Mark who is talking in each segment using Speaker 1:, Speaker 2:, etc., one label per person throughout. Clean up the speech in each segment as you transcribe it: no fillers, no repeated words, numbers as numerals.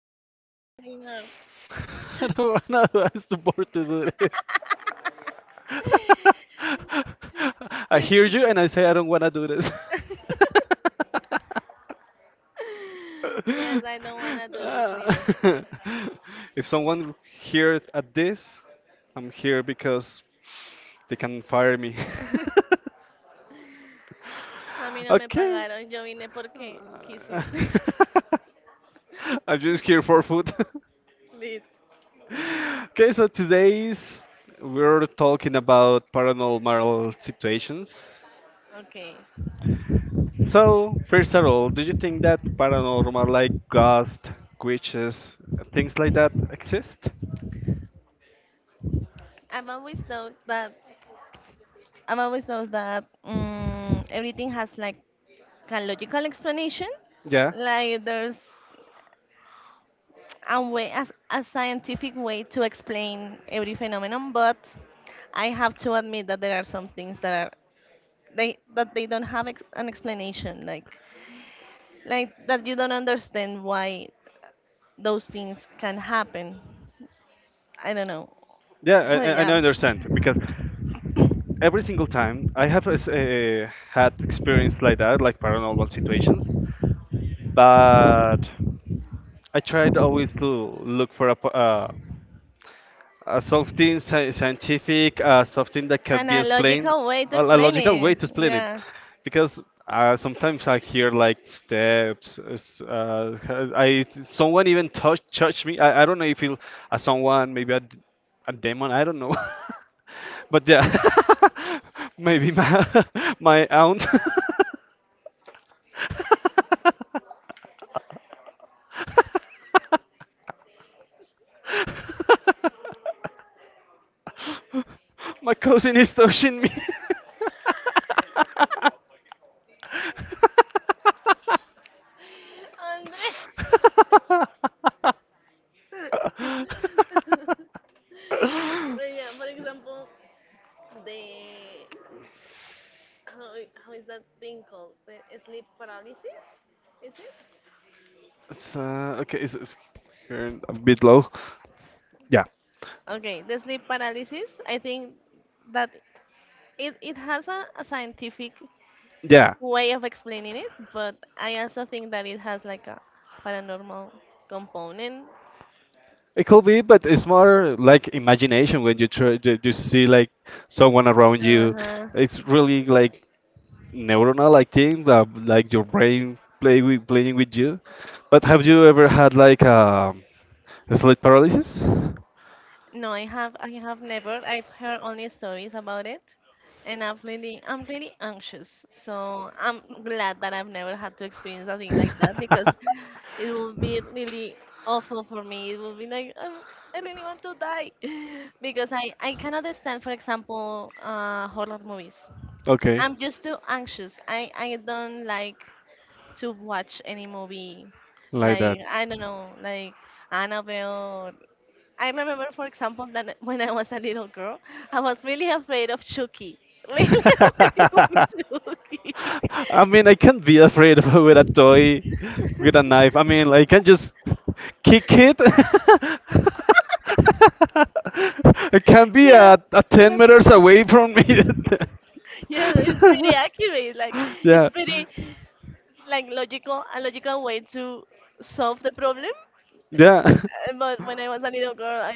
Speaker 1: so here we are in our.
Speaker 2: I don't wanna do I'm too bored to do this. I hear you and I say I don't wanna do this.
Speaker 1: Yes, I this neither.
Speaker 2: Ah. if someone here at this, I'm here because they can fire me.
Speaker 1: A mí no me
Speaker 2: Okay.
Speaker 1: pagaron, yo vine porque quise.
Speaker 2: I'm just here for food.
Speaker 1: Lit.
Speaker 2: Okay, so today's we're talking about paranormal situations.
Speaker 1: Okay.
Speaker 2: So, first of all, do you think that paranormal, like ghosts, witches, things like that exist?
Speaker 1: I've always thought that I've always thought that everything has like a logical explanation.
Speaker 2: Yeah,
Speaker 1: Like there's a way, a scientific way to explain every phenomenon, but I have to admit that there are some things that are they don't have an explanation, like that you don't understand why those things can happen. I don't know.
Speaker 2: yeah, I,
Speaker 1: So
Speaker 2: I
Speaker 1: yeah,
Speaker 2: understand because every single time I have had experience like that, like paranormal situations, but I tried always to look for something scientific, something that can
Speaker 1: and
Speaker 2: be
Speaker 1: a
Speaker 2: explained,
Speaker 1: logical way to
Speaker 2: a
Speaker 1: explain
Speaker 2: logical way
Speaker 1: it.
Speaker 2: to explain it.
Speaker 1: Yeah.
Speaker 2: Because sometimes I hear like steps. has- I someone even touched me. I don't know if it, someone maybe a demon. I don't know. But yeah, maybe my my aunt. My cousin is touching me.
Speaker 1: Andre. Well, yeah. For example, the how how is that thing called? The sleep paralysis? Is it?
Speaker 2: So, okay, is it here a bit low? Yeah,
Speaker 1: Okay, the sleep paralysis. I think that it has a scientific
Speaker 2: yeah.
Speaker 1: way of explaining it, but I also think that it has like a paranormal component.
Speaker 2: It could
Speaker 1: It's
Speaker 2: be, but it's more like imagination when you try to see like someone around you.
Speaker 1: uh
Speaker 2: It's really like neuronal like thing that like your brain playing with you. But have you ever had like a sleep paralysis?
Speaker 1: no, I have never. I've heard only stories about it, and I'm really anxious. So I'm glad that I've never had to experience a thing like that because it will be really awful for me. It will be like I really want to die because I cannot stand, for example, horror movies.
Speaker 2: Okay,
Speaker 1: I'm just too anxious. I don't like to watch any movie.
Speaker 2: like
Speaker 1: Like,
Speaker 2: that.
Speaker 1: I don't know, like Annabelle. I remember, for example, that when I was a little girl, I was really afraid of Chucky. Really afraid of Chucky.
Speaker 2: I mean, I can't be afraid of with a toy, with a knife. I mean, I can just kick it. It can be
Speaker 1: Yeah,
Speaker 2: at 10
Speaker 1: that-
Speaker 2: meters away from me.
Speaker 1: yeah, it's pretty accurate. Like,
Speaker 2: Yeah.
Speaker 1: it's pretty like logical way to solve the problem.
Speaker 2: Yeah.
Speaker 1: But when I was a little girl, I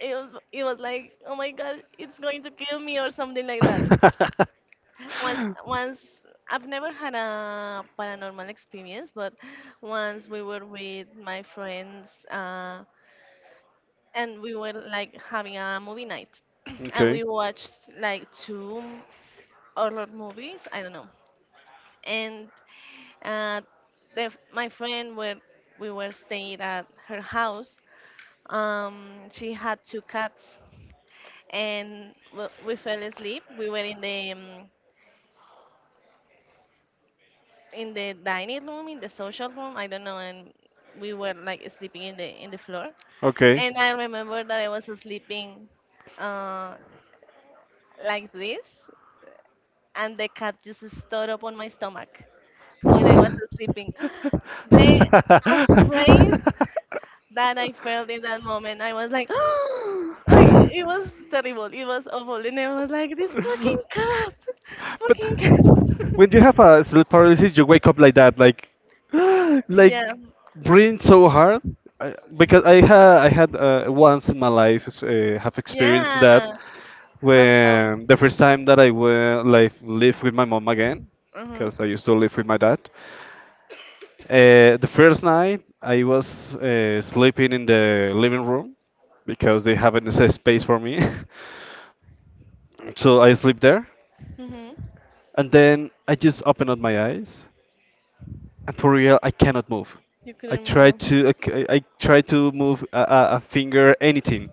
Speaker 1: it was like, oh my god, it's going to kill me or something like that. Once I've never had a paranormal experience, but once we were with my friends and we were like having a movie night, and
Speaker 2: Okay.
Speaker 1: we watched like two horror movies. I don't know, and uh, my friend where we were staying at her house. She had two cats, and we fell asleep. We were in the dining room, in the social room, I don't know, and we were like sleeping in the floor.
Speaker 2: Okay.
Speaker 1: And I remember that I was sleeping uh, like this, and the cat just stood up on my stomach while I was sleeping. The afraid that I felt in that moment, I was like, like, it was terrible, it was awful, and I was like, this fucking cat,
Speaker 2: But
Speaker 1: fucking
Speaker 2: when
Speaker 1: cat.
Speaker 2: you have a sleep paralysis, you wake up like that, like,
Speaker 1: Yeah,
Speaker 2: like breathing so hard. Because I had once in my life have experienced that
Speaker 1: yeah. How come?
Speaker 2: when the first time that I went like live with my mom again,
Speaker 1: Uh
Speaker 2: because I
Speaker 1: huh.
Speaker 2: used to live with my dad. The first night I was sleeping in the living room because they haven't a space for me, so I sleep there.
Speaker 1: Mm-hmm.
Speaker 2: And then I just opened up my eyes. And for real, I cannot move.
Speaker 1: You
Speaker 2: I
Speaker 1: couldn't
Speaker 2: try
Speaker 1: move.
Speaker 2: to, ok, I try to move a finger, anything,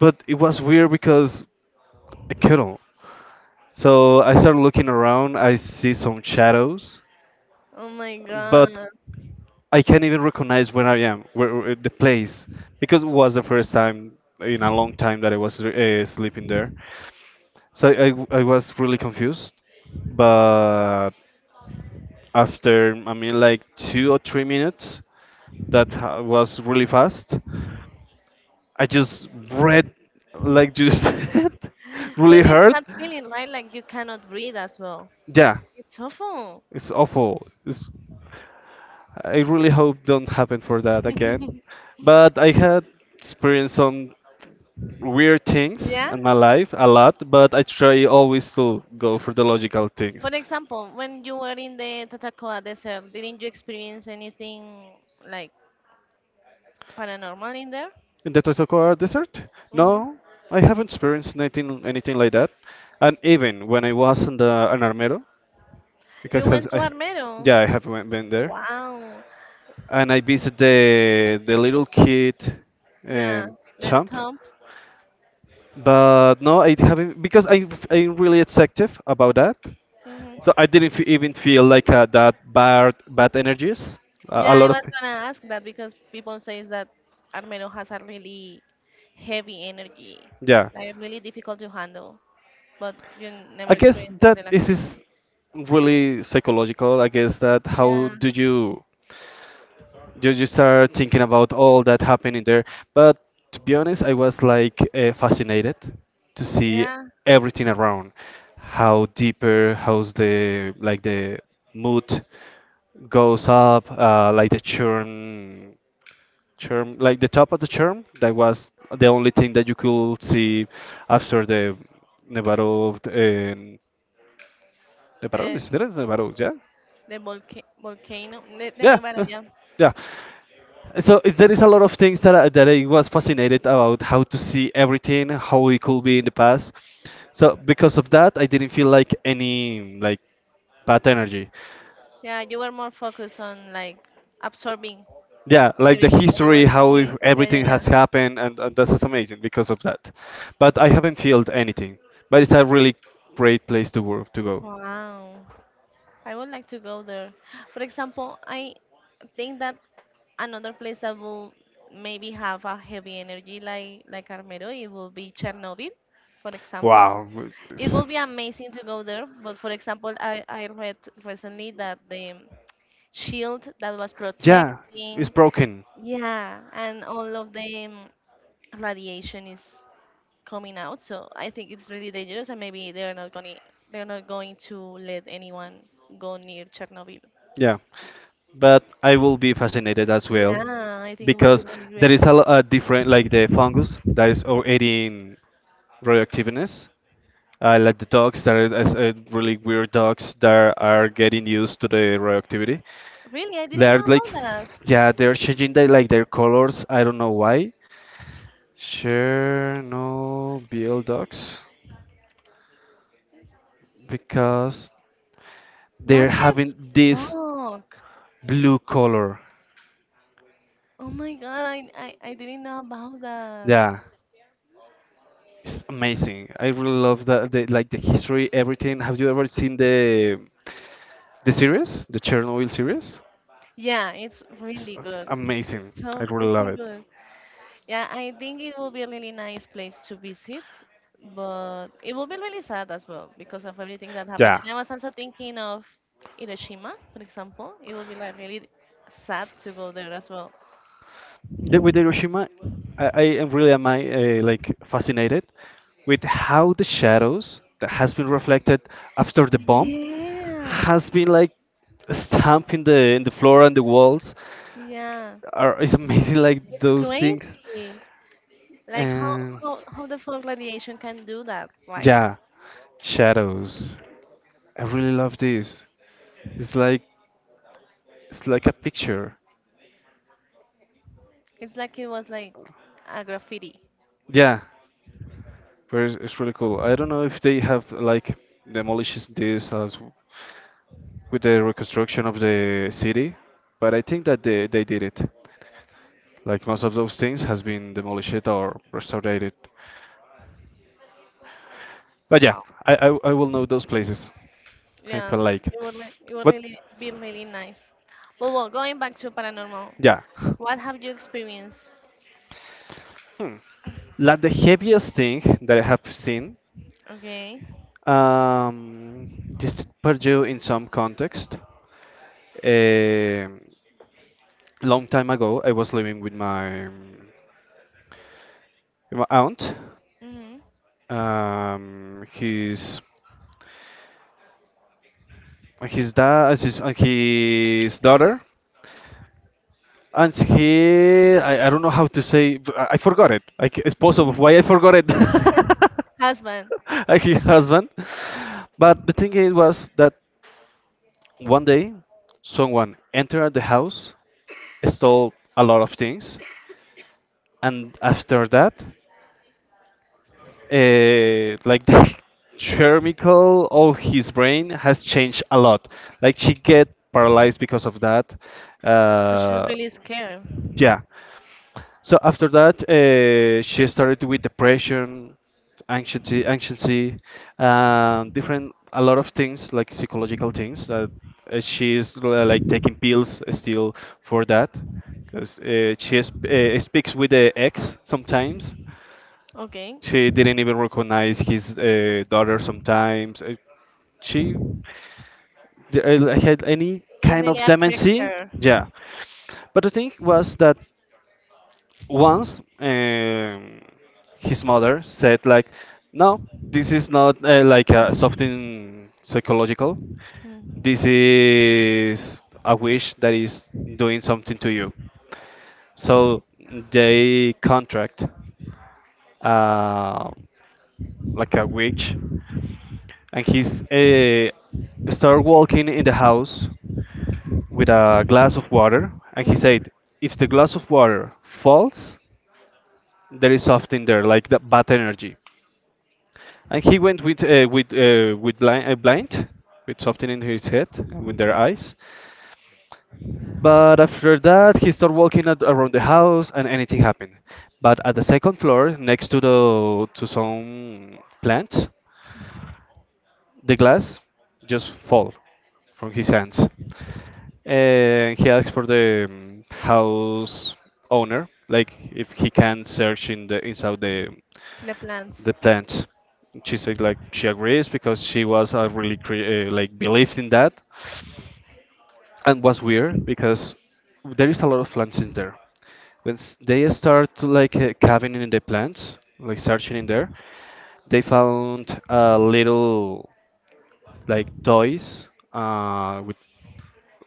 Speaker 2: but it was weird because I couldn't. So I started looking around. I see some shadows,
Speaker 1: Oh my
Speaker 2: but
Speaker 1: god.
Speaker 2: I can't even recognize where I am, where the place, because it was the first time in a long time that I was sleeping there. So I was really confused, but after I mean like 2 or 3 minutes was really fast. I just read like you said really
Speaker 1: But it's
Speaker 2: hard.
Speaker 1: that feeling, right? Like you cannot breathe as well.
Speaker 2: Yeah,
Speaker 1: It's awful.
Speaker 2: it's awful. I really hope don't happen for that again. But I had experienced some weird things
Speaker 1: Yeah.
Speaker 2: in my life a lot, but I try always to go for the logical things.
Speaker 1: For example, when you were in the Tatacoa Desert, didn't you experience anything like paranormal in there?
Speaker 2: In the Totokora Desert?
Speaker 1: Hmm.
Speaker 2: No, I haven't experienced anything like that. And even when I was in the in Armero, because
Speaker 1: You
Speaker 2: has
Speaker 1: went to
Speaker 2: I,
Speaker 1: Armero.
Speaker 2: yeah, I have been there,
Speaker 1: Wow.
Speaker 2: and I visited the little kid
Speaker 1: Yeah.
Speaker 2: um,
Speaker 1: The
Speaker 2: champ.
Speaker 1: tomb.
Speaker 2: But no, I haven't because I'm really executive about that.
Speaker 1: Hmm.
Speaker 2: So I didn't even feel like that bad energies. A
Speaker 1: Yeah, I
Speaker 2: lot of
Speaker 1: was gonna ask that because people says that Armero has a really heavy energy,
Speaker 2: yeah.
Speaker 1: like really difficult to handle, but you
Speaker 2: I
Speaker 1: never
Speaker 2: guess
Speaker 1: experienced
Speaker 2: that
Speaker 1: anything like
Speaker 2: this
Speaker 1: that.
Speaker 2: is really psychological. I guess that how
Speaker 1: Yeah,
Speaker 2: do you start thinking about all that happening there? But to be honest, I was like fascinated to see
Speaker 1: yeah.
Speaker 2: everything around, how deeper, how's the like the mood goes up, uh, like the top of the churn. That was the only thing that you could see after the battle about
Speaker 1: Uh,
Speaker 2: is there is about yeah
Speaker 1: the volcano, the
Speaker 2: yeah
Speaker 1: Nevada,
Speaker 2: yeah.
Speaker 1: yeah.
Speaker 2: yeah. So it, there is a lot of things that that I was fascinated about how to see everything, how it could be in the past. So because of that, I didn't feel like any like bad energy.
Speaker 1: Yeah, you were more focused on like absorbing
Speaker 2: Yeah, like the
Speaker 1: everything that you were
Speaker 2: history, how if
Speaker 1: seeing. Yeah, yeah,
Speaker 2: everything
Speaker 1: yeah.
Speaker 2: has happened, and this is amazing because of that. But I haven't felt anything. But it's a really great place to work to go.
Speaker 1: Wow. I would like to go there. For example, I think that another place that will maybe have a heavy energy like Armero, it will be Chernobyl, for example.
Speaker 2: Wow.
Speaker 1: It will be amazing to go there, but for example, I read recently that the shield that was
Speaker 2: Yeah, it's
Speaker 1: protecting.
Speaker 2: broken.
Speaker 1: Yeah, and all of the radiation is coming out, so I think it's really dangerous, and maybe they're not going to let anyone go near Chernobyl.
Speaker 2: Yeah, but I will be fascinated as well
Speaker 1: Yeah, I think it would be
Speaker 2: because
Speaker 1: really
Speaker 2: there is
Speaker 1: great.
Speaker 2: a different like the fungus that is already in radioactiveness. Like the dogs that are really weird dogs that are getting used to the radioactivity.
Speaker 1: Really, I
Speaker 2: They
Speaker 1: didn't
Speaker 2: are
Speaker 1: know
Speaker 2: like,
Speaker 1: about that.
Speaker 2: yeah, they're changing their like their colors. I don't know why. Chernobyl dogs because they're
Speaker 1: What the
Speaker 2: having this
Speaker 1: fuck?
Speaker 2: blue color.
Speaker 1: Oh my god, I didn't know about that.
Speaker 2: Yeah, it's amazing. I really love that the like the history, everything. Have you ever seen the series, the Chernobyl series?
Speaker 1: Yeah, it's
Speaker 2: It's
Speaker 1: really good.
Speaker 2: amazing.
Speaker 1: It's
Speaker 2: I
Speaker 1: so
Speaker 2: really love
Speaker 1: fucking
Speaker 2: it.
Speaker 1: good. Yeah, I think it will be a really nice place to visit, but it will be really sad as well because of everything that happened.
Speaker 2: Yeah.
Speaker 1: Yeah. And I was also thinking of Hiroshima, for example. It will be like really sad to go there as well.
Speaker 2: The, with Hiroshima, I am really am I like fascinated with how the shadows that has been reflected after the bomb
Speaker 1: Yeah,
Speaker 2: has been like stamped in the floor and the walls.
Speaker 1: yeah,
Speaker 2: Are it's amazing like
Speaker 1: it's
Speaker 2: those things.
Speaker 1: crazy. Like
Speaker 2: And.
Speaker 1: how the folk radiation can do that, right?
Speaker 2: Yeah, shadows. I really love this. It's like it's like a picture.
Speaker 1: It's like it was like a graffiti.
Speaker 2: Yeah, but it's really cool. I don't know if they have like demolished this as with the reconstruction of the city, but I think that they did it. Like most of those things has been demolished or restored. But
Speaker 1: Yeah.
Speaker 2: yeah,
Speaker 1: Wow.
Speaker 2: I will know those places. I
Speaker 1: Yeah,
Speaker 2: feel like it.
Speaker 1: it would
Speaker 2: But
Speaker 1: really be really nice. But well, going back to paranormal.
Speaker 2: yeah,
Speaker 1: What have you experienced?
Speaker 2: hmm, like the heaviest thing that I have seen.
Speaker 1: Okay.
Speaker 2: Um, just Purdue in some context. A long time ago, I was living with my aunt.
Speaker 1: Hmm.
Speaker 2: Um, his his dad, his daughter, and he. I don't know how to say. I forgot it. Like it's possible. Why I forgot it?
Speaker 1: Husband.
Speaker 2: Like his husband. But the thing is was that. One day, someone entered the house, stole a lot of things, and after that, like the chemical of his brain has changed a lot. Like she get paralyzed because of that.
Speaker 1: So she's
Speaker 2: Uh,
Speaker 1: really scared.
Speaker 2: yeah. So after that, she started with depression, anxiety, different, a lot of things like psychological things that she's like taking pills still for that, because she is, speaks with the ex sometimes.
Speaker 1: Okay.
Speaker 2: She didn't even recognize his daughter sometimes. She had any
Speaker 1: It
Speaker 2: kind
Speaker 1: really
Speaker 2: of
Speaker 1: affects
Speaker 2: dementia.
Speaker 1: her.
Speaker 2: Yeah. But the thing was that once his mother said like no this is not something psychological, this is a wish that is doing something to you, so they contract uh, like a witch and he's start walking in the house with a glass of water and he
Speaker 1: Mm-hmm.
Speaker 2: said if the glass of water falls there is something there like the bad energy. And he went with blind with something in his head and with their eyes but after that he started walking around the house and anything happened but at the second floor next to the to some plants the glass just fall from his hands. He asked for the house owner, like if he can search in the inside
Speaker 1: The plants.
Speaker 2: the plants. She said like she agrees because she was like believed in that, and was weird because there is a lot of plants in there. When they start to, like caving in the plants, like searching in there, they found little like toys with,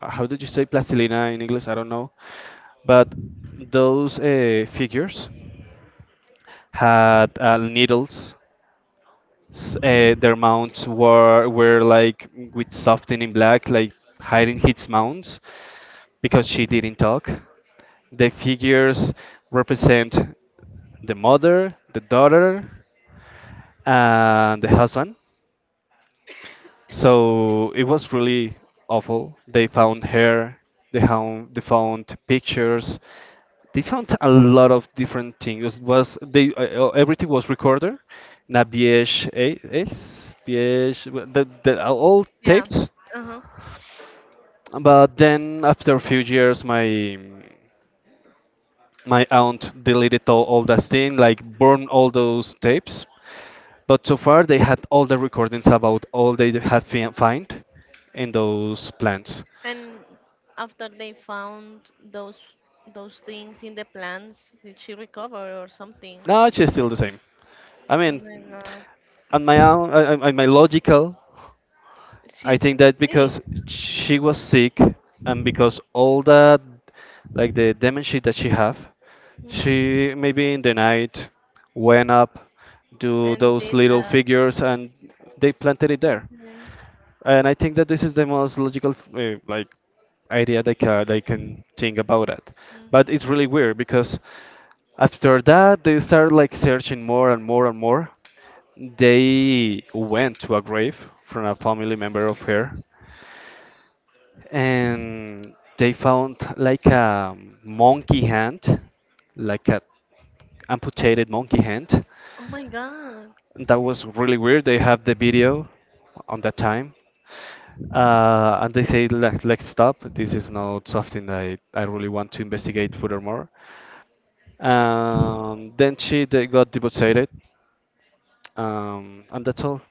Speaker 2: how did you say plastilina in English? I don't know. But those figures had needles. Their mounts were like with something in black, like hiding his mounts because she didn't talk. The figures represent the mother, the daughter, and the husband. So it was really awful. They found hair, they found pictures, they found a lot of different things. It was they everything was recorded in a VHS, VH, well, the, the uh, all
Speaker 1: Yeah.
Speaker 2: tapes.
Speaker 1: Uh-huh.
Speaker 2: But then after a few years, my aunt deleted all that thing, like burned all those tapes. But so far, they had all the recordings about all they had find in those plants.
Speaker 1: And after they found those things in the plants, did she recover or something?
Speaker 2: No, she's still the same. I
Speaker 1: Oh
Speaker 2: mean,
Speaker 1: my god.
Speaker 2: on my own, on my logical, I
Speaker 1: She's
Speaker 2: think that
Speaker 1: sick.
Speaker 2: because she was sick and because all that, like the dementia that she have,
Speaker 1: Mhm.
Speaker 2: she maybe in the night went up, do
Speaker 1: And
Speaker 2: those
Speaker 1: did
Speaker 2: little
Speaker 1: that.
Speaker 2: figures, and they planted it there.
Speaker 1: Okay.
Speaker 2: And I think that this is the most logical, like, idea they can think about it. But
Speaker 1: Hmm.
Speaker 2: it's really weird because after that they start like searching more and more and more they went to a grave from a family member of her, and they found like a monkey hand, like a amputated monkey hand.
Speaker 1: Oh my god.
Speaker 2: That was really weird. They have the video on that time. And they say, like, stop. This is not something that I really want to investigate furthermore. Then she they got deported and that's all.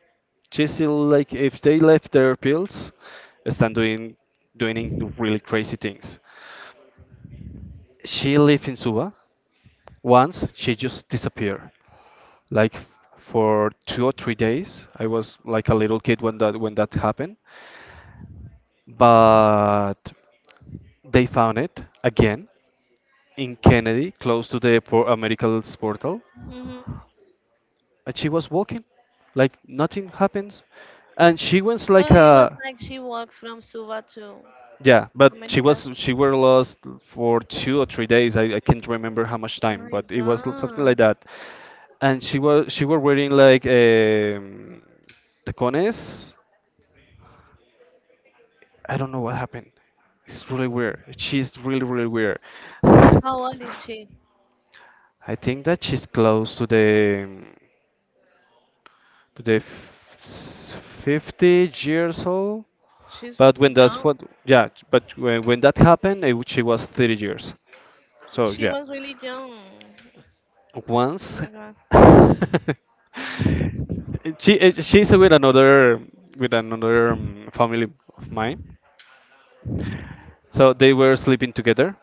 Speaker 2: Just like if they left their pills, stand doing really crazy things. She lived in Suba. Once she just disappeared. Like for 2 or 3 days. I was like a little kid when that happened. But they found it again in Kennedy, close to the medical's portal,
Speaker 1: Hmm.
Speaker 2: and she was walking, like nothing happened. And she was like
Speaker 1: So it was
Speaker 2: a
Speaker 1: like she walked from Suva to
Speaker 2: Yeah, but she
Speaker 1: Americas.
Speaker 2: was she were lost for 2 or 3 days. I can't remember how much
Speaker 1: Oh
Speaker 2: time,
Speaker 1: my
Speaker 2: but it was something like
Speaker 1: God.
Speaker 2: that. And she were wearing like tacones. I don't know what happened. It's really weird. She's really really weird. I
Speaker 1: How old is she?
Speaker 2: think that she's close to the to the f- 50 years old.
Speaker 1: She's
Speaker 2: But when that's
Speaker 1: young.
Speaker 2: what Yeah, but when that happened, she was 30 years. So
Speaker 1: She
Speaker 2: yeah.
Speaker 1: was really young. Oh
Speaker 2: Once
Speaker 1: my God.
Speaker 2: she's with another family of mine, so they were sleeping together,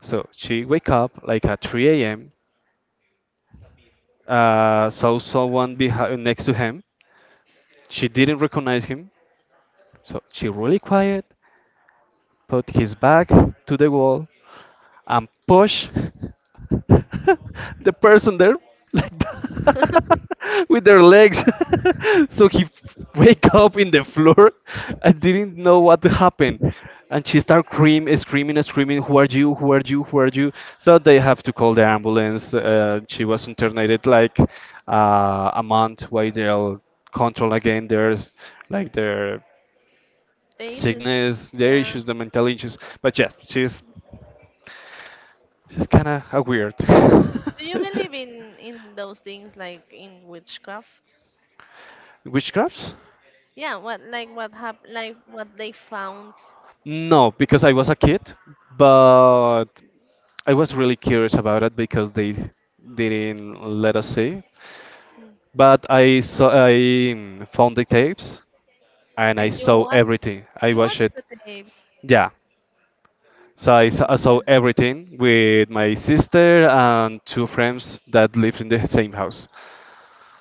Speaker 2: so she wake up like at 3 a.m, saw someone behind next to him. She didn't recognize him, so she really quiet, put his back to the wall and push the person there like that with their legs. So he wake up in the floor. I didn't know what happened. And she start screaming, screaming, screaming, who are you, who are you, who are you? So they have to call the ambulance. She was internated like a month, while they'll control again their, like their
Speaker 1: The issues.
Speaker 2: sickness, their
Speaker 1: Yeah.
Speaker 2: issues, their mental issues. But yeah, she's this is kind of weird.
Speaker 1: Do you believe in those things like in witchcraft?
Speaker 2: Witchcrafts?
Speaker 1: Yeah, what like like what they found.
Speaker 2: No, because I was a kid, but I was really curious about it because they didn't let us see.
Speaker 1: Mm.
Speaker 2: But I found the tapes and I
Speaker 1: And
Speaker 2: saw everything. I
Speaker 1: you
Speaker 2: watched
Speaker 1: watch
Speaker 2: it.
Speaker 1: the tapes.
Speaker 2: Yeah. So
Speaker 1: Oh
Speaker 2: I saw,
Speaker 1: my
Speaker 2: I saw
Speaker 1: God.
Speaker 2: everything with my sister and two friends that lived in the same house.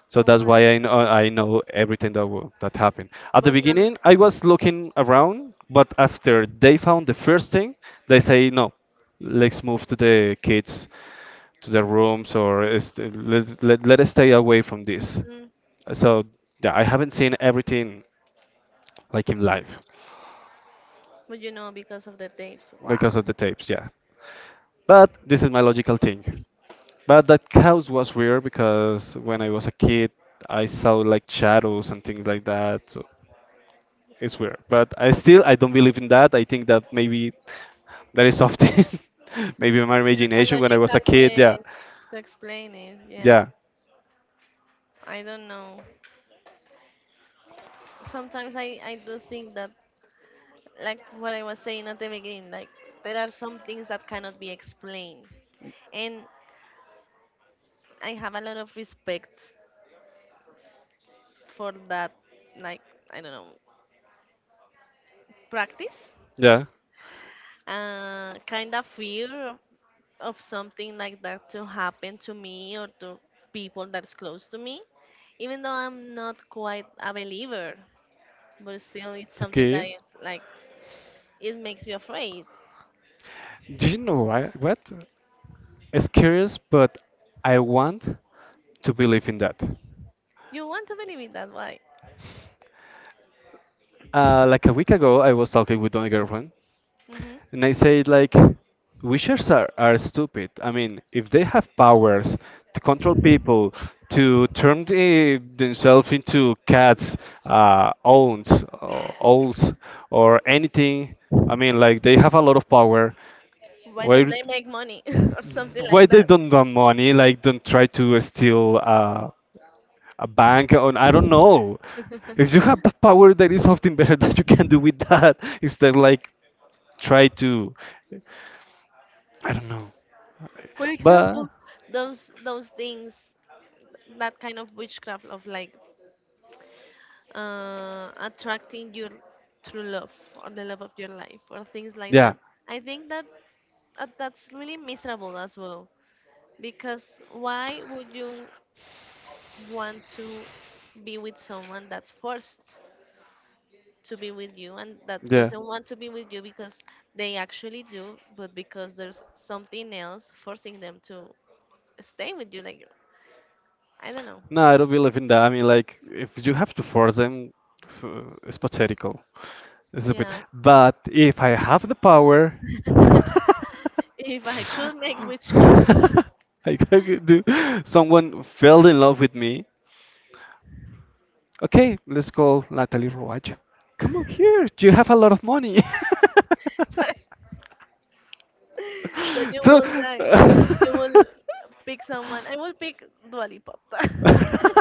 Speaker 2: So
Speaker 1: Oh
Speaker 2: that's
Speaker 1: my.
Speaker 2: why I know everything that happened. At the
Speaker 1: But not
Speaker 2: beginning, I was looking around, but after they found the first thing, they say no, let's move to the kids, to their rooms, or let us stay away from this.
Speaker 1: mm,
Speaker 2: So yeah, I haven't seen everything like in live
Speaker 1: but you know because of the tapes. Wow.
Speaker 2: because of the tapes. Yeah, but this is my logical thing. But that house was weird because when I was a kid, I saw like shadows and things like that. So. It's weird, but I don't believe in that. I think that maybe that is something, maybe my
Speaker 1: There's a
Speaker 2: imagination when I was
Speaker 1: logical
Speaker 2: a kid.
Speaker 1: way
Speaker 2: Yeah,
Speaker 1: to explain it. Yeah,
Speaker 2: yeah,
Speaker 1: I don't know. Sometimes I do think that, like what I was saying at the beginning, like there are some things that cannot be explained. And I have a lot of respect for that, like, I don't know, practice.
Speaker 2: yeah.
Speaker 1: Kind of fear of something like that to happen to me or to people that's close to me, even though I'm not quite a believer, but still it's something that
Speaker 2: Okay.
Speaker 1: is like it makes you afraid.
Speaker 2: Do you know why, what? It's curious, but I want to believe in that.
Speaker 1: You want to believe it that way.
Speaker 2: Like a week ago, I was talking with my girlfriend.
Speaker 1: Hmm.
Speaker 2: And I say like, wishers are stupid. I mean, if they have powers to control people, to turn themselves into cats, owns, or owls, or anything. I mean, like they have a lot of power.
Speaker 1: Why don't
Speaker 2: Why,
Speaker 1: they make money or something
Speaker 2: why
Speaker 1: like
Speaker 2: they
Speaker 1: that?
Speaker 2: don't want money? Like, don't try to steal a bank. Or I don't know. If you have the power, there is something better that you can do with that. Instead, like try to, I don't know.
Speaker 1: For example,
Speaker 2: But
Speaker 1: those things, that kind of witchcraft of like attracting your true love or the love of your life or things like
Speaker 2: yeah,
Speaker 1: that. I think that that's really miserable as well because why would you want to be with someone that's forced to be with you and that
Speaker 2: yeah.
Speaker 1: doesn't want to be with you because they actually do, but because there's something else forcing them to stay with you. Like, I don't know.
Speaker 2: No, I don't believe in that. I mean, like, if you have to force them, f- it's pathetical. It's stupid.
Speaker 1: Yeah.
Speaker 2: But if I have the power,
Speaker 1: If I could make witchcraft,
Speaker 2: I could do someone fell in love with me. Okay, let's call Natalie Rouache. Come on here. You have a lot of money.
Speaker 1: so you
Speaker 2: So.
Speaker 1: will like, you will pick someone. I will pick Dua Lipa.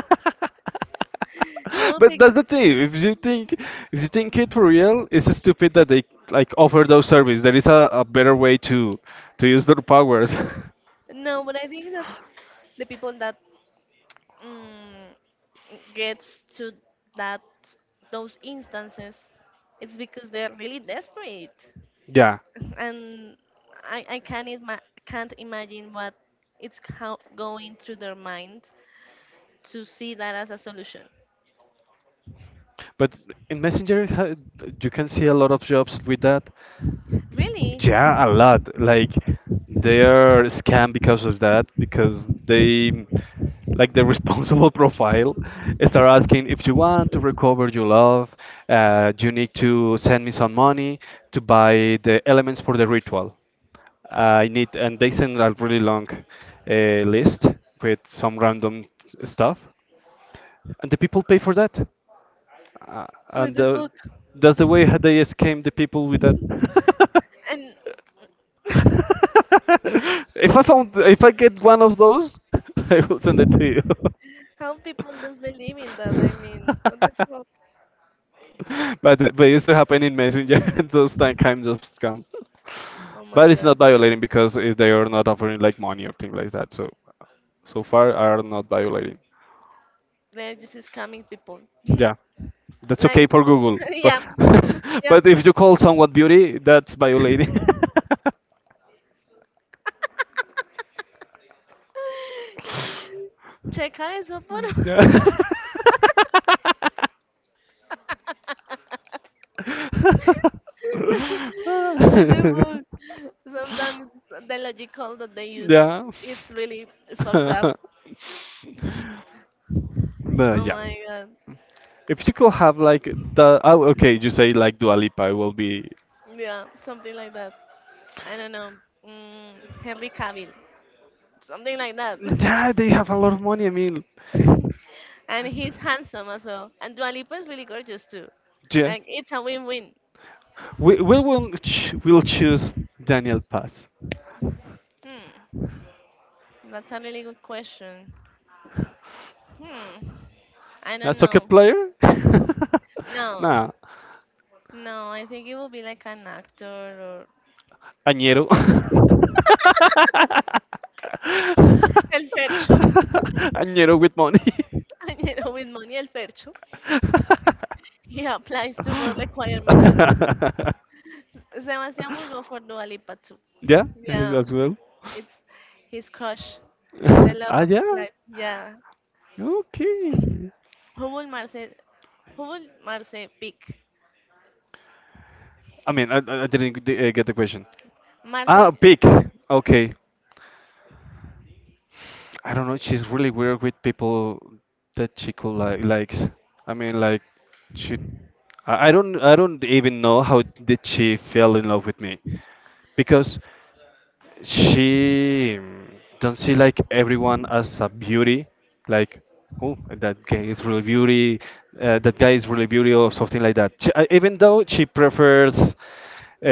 Speaker 1: You will
Speaker 2: But
Speaker 1: pick.
Speaker 2: that's the thing. If you think it for real, it's stupid that they like offer those service. There is a better way to use their powers.
Speaker 1: No, but I think that the people that mm, gets to that those instances, it's because they're really desperate.
Speaker 2: Yeah,
Speaker 1: And I can't, can't imagine what it's how going through their mind to see that as a solution.
Speaker 2: but in Messenger, you can see a lot of jobs with that.
Speaker 1: Really?
Speaker 2: Yeah, a lot. Like they are scammed because of that, because they like the responsible profile start asking if you want to recover your love, you need to send me some money to buy the elements for the ritual. I need, and they send a really long uh, list with some random stuff, and the people pay for that. Uh,
Speaker 1: What
Speaker 2: and
Speaker 1: the
Speaker 2: uh,
Speaker 1: fuck?
Speaker 2: that's the way how they scam the people with that.
Speaker 1: And
Speaker 2: If I get one of those, I will send it to you.
Speaker 1: how people just believe in that? I mean, what the fuck?
Speaker 2: But it used to happen in Messenger. Those kinds of scam.
Speaker 1: Oh my
Speaker 2: But it's not
Speaker 1: god.
Speaker 2: violating because if they are not offering like money or things like that. So so far are not violating.
Speaker 1: They're just scamming people.
Speaker 2: Yeah, that's okay
Speaker 1: Like,
Speaker 2: for Google. But
Speaker 1: yeah, yeah.
Speaker 2: but if you call someone beauty, that's violating.
Speaker 1: Checa eso, por favor.
Speaker 2: Yeah.
Speaker 1: What the fuck? Sometimes the logical that they use,
Speaker 2: Yeah.
Speaker 1: it's really fucked up.
Speaker 2: But
Speaker 1: Oh
Speaker 2: yeah.
Speaker 1: my god.
Speaker 2: If you could have like the oh, okay, you say like Dua Lipa, it will be...
Speaker 1: Yeah, something like that. I don't know. Mm, Henry Cavill. Something like that.
Speaker 2: Yeah, they have a lot of money, I mean,
Speaker 1: And he's handsome as well. And Dua Lipa is really gorgeous too.
Speaker 2: yeah.
Speaker 1: Like, it's a win-win.
Speaker 2: We will ch we'll choose Daniel Paz.
Speaker 1: Hmm. That's a really good question. Hmm. I
Speaker 2: A
Speaker 1: don't
Speaker 2: soccer
Speaker 1: know.
Speaker 2: player?
Speaker 1: No.
Speaker 2: Nah.
Speaker 1: No, I think it will be like an actor or...
Speaker 2: Añero.
Speaker 1: El Fercho.
Speaker 2: Añero with money.
Speaker 1: And you know, with money El Fercho, he applies to both requirements. Sebastian will go for Dua Lipa too.
Speaker 2: Yeah, as
Speaker 1: Yeah,
Speaker 2: as well.
Speaker 1: it's his crush, the love of his
Speaker 2: Yeah.
Speaker 1: life. Yeah.
Speaker 2: Okay.
Speaker 1: Who will Marce, who will Marce pick?
Speaker 2: I mean, I didn't get the question.
Speaker 1: Marce,
Speaker 2: Ah, big. Okay. I don't know. She's really weird with people that she could likes. I mean, like she I don't even know how did she fell in love with me, because she don't see like everyone as a beauty, like, oh, that guy is really beauty, that guy is really beauty or something like that. Even though she prefers,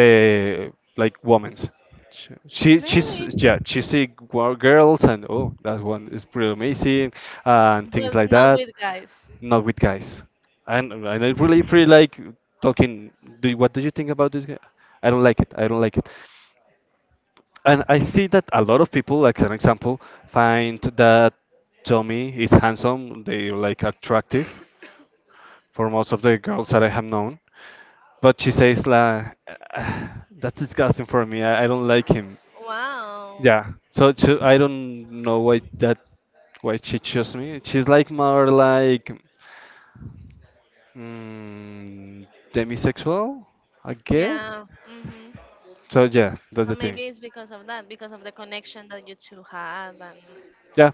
Speaker 2: uh, like, women's, she's,
Speaker 1: really?
Speaker 2: yeah, she see girls, and, oh, that one is pretty amazing and things
Speaker 1: But
Speaker 2: like
Speaker 1: not
Speaker 2: that.
Speaker 1: with guys.
Speaker 2: Not with guys. And I really feel like talking. What do you think about this guy? I don't like it. I don't like it. And I see that a lot of people, like an example, find that Tommy is handsome. They like attractive for most of the girls that I have known. But she says, la, that's disgusting for me. I don't like him.
Speaker 1: Wow.
Speaker 2: Yeah. So she, I don't know why she chose me. She's like more like. Mm, Demisexual, I guess.
Speaker 1: Yeah. Hmm.
Speaker 2: So yeah, that's
Speaker 1: So
Speaker 2: the thing.
Speaker 1: maybe it's because of that, because of the connection that you two had. And
Speaker 2: Yeah,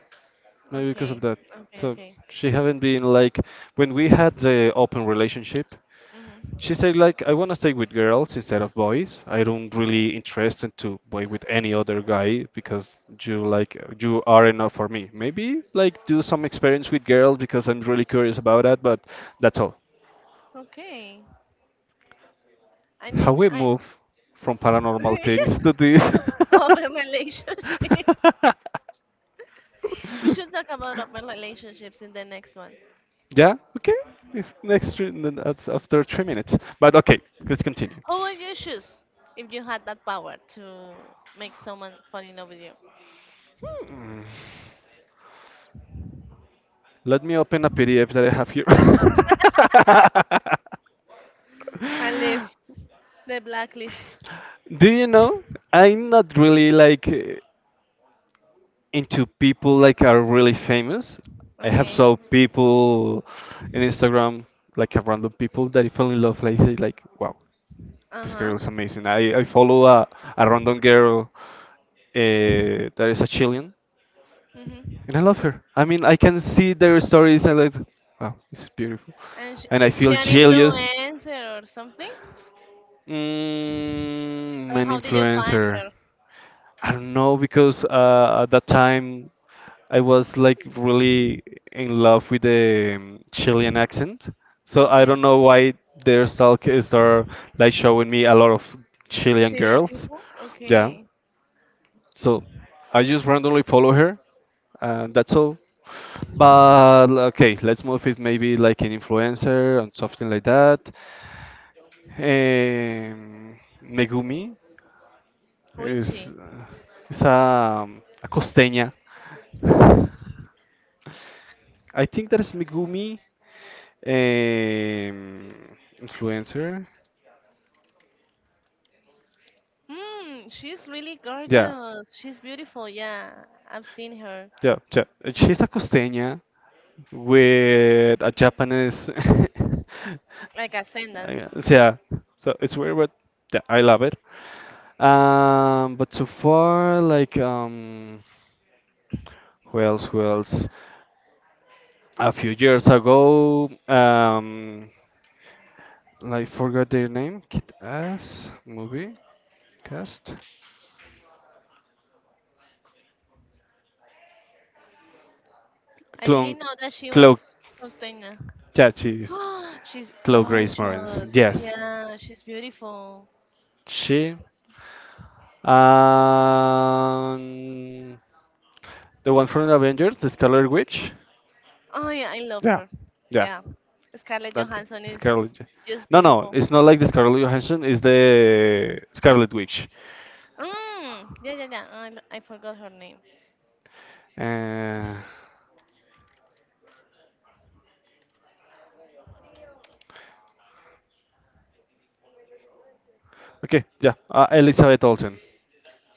Speaker 2: maybe because of
Speaker 1: okay,
Speaker 2: that.
Speaker 1: okay,
Speaker 2: So
Speaker 1: okay.
Speaker 2: she haven't been like when we had the open relationship. She
Speaker 1: Hmm.
Speaker 2: said like I wanna stay with girls instead of boys. I don't really interested to boy with any other guy because you like you are enough for me. Maybe like do some experience with girls because I'm really curious about that, but that's all.
Speaker 1: Okay. And
Speaker 2: How
Speaker 1: then
Speaker 2: we
Speaker 1: I
Speaker 2: move from paranormal things to this?
Speaker 1: open relationships. We should talk about open relationships in the next one.
Speaker 2: Yeah, okay. If next three, after 3 minutes, but okay, let's continue.
Speaker 1: Who would you choose if you had that power to make someone fall in love with you?
Speaker 2: Let me open a PDF that I have here.
Speaker 1: At least the blacklist.
Speaker 2: Do you know? I'm not really like. Into people like are really famous. I have
Speaker 1: Okay.
Speaker 2: saw people in Instagram, like a random people that I fell in love. Like say like, wow,
Speaker 1: Uh
Speaker 2: this
Speaker 1: huh.
Speaker 2: girl is amazing. I follow a random girl that is a Chilean,
Speaker 1: Mhm.
Speaker 2: and I love her. I mean, I can see their stories and like, wow, this is beautiful.
Speaker 1: And
Speaker 2: And I
Speaker 1: is she
Speaker 2: feel
Speaker 1: an
Speaker 2: jealous.
Speaker 1: influencer or something?
Speaker 2: Mm,
Speaker 1: Or
Speaker 2: an
Speaker 1: how did you find
Speaker 2: influencer.
Speaker 1: her?
Speaker 2: I don't know because at that time I was like really in love with the Chilean accent. So I
Speaker 1: Okay.
Speaker 2: don't know why their stalk start like showing me a lot of Chilean
Speaker 1: Chilean
Speaker 2: girls.
Speaker 1: people?
Speaker 2: Yeah.
Speaker 1: Okay.
Speaker 2: So I just randomly follow her and that's all. But okay, let's move it maybe like an influencer and something like that. Megumi
Speaker 1: Who is
Speaker 2: is
Speaker 1: she?
Speaker 2: is a costeña. I think that is Megumi. Um, Influencer?
Speaker 1: Hmm, she's really
Speaker 2: Yeah,
Speaker 1: gorgeous. She's beautiful. Yeah, I've seen her.
Speaker 2: yeah, yeah. She's a costeña with a Japanese.
Speaker 1: Like Ascendance.
Speaker 2: Yeah, so it's weird, but yeah, I love it. But so far, like, who else? Who else? A few years ago, I forgot their name. Kid Ass movie cast.
Speaker 1: I
Speaker 2: Clone,
Speaker 1: didn't know that she
Speaker 2: Chloe,
Speaker 1: was Costeña.
Speaker 2: yeah, she's
Speaker 1: She's
Speaker 2: Chloe Grace Moretz.
Speaker 1: gorgeous.
Speaker 2: Yes.
Speaker 1: Yeah, she's beautiful.
Speaker 2: She, and the one from the Avengers, the Scarlet Witch.
Speaker 1: Oh yeah, I love
Speaker 2: Yeah,
Speaker 1: her.
Speaker 2: yeah,
Speaker 1: Yeah, Scarlett
Speaker 2: that girl,
Speaker 1: Johansson is
Speaker 2: Scarlet.
Speaker 1: just
Speaker 2: No, no,
Speaker 1: beautiful.
Speaker 2: it's not like the Scarlet Johansson. It's the Scarlet Witch.
Speaker 1: Mm, yeah, yeah, yeah. I forgot her name.
Speaker 2: Uh, okay, yeah, Elizabeth Olsen.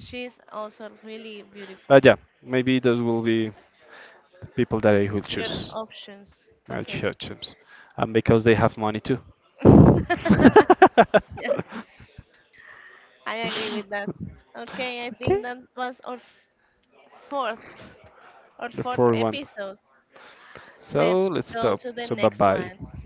Speaker 1: She's also really beautiful.
Speaker 2: But yeah, maybe those will be people that I will
Speaker 1: Your
Speaker 2: choose.
Speaker 1: options.
Speaker 2: I'll
Speaker 1: Okay.
Speaker 2: choose, and because they have money too. Okay,
Speaker 1: Yeah, I agree with that. Okay, I think that was our fourth
Speaker 2: the
Speaker 1: fourth
Speaker 2: fourth one.
Speaker 1: episode.
Speaker 2: So
Speaker 1: Let's
Speaker 2: let's
Speaker 1: go
Speaker 2: stop.
Speaker 1: to the
Speaker 2: So bye
Speaker 1: next
Speaker 2: bye.
Speaker 1: one.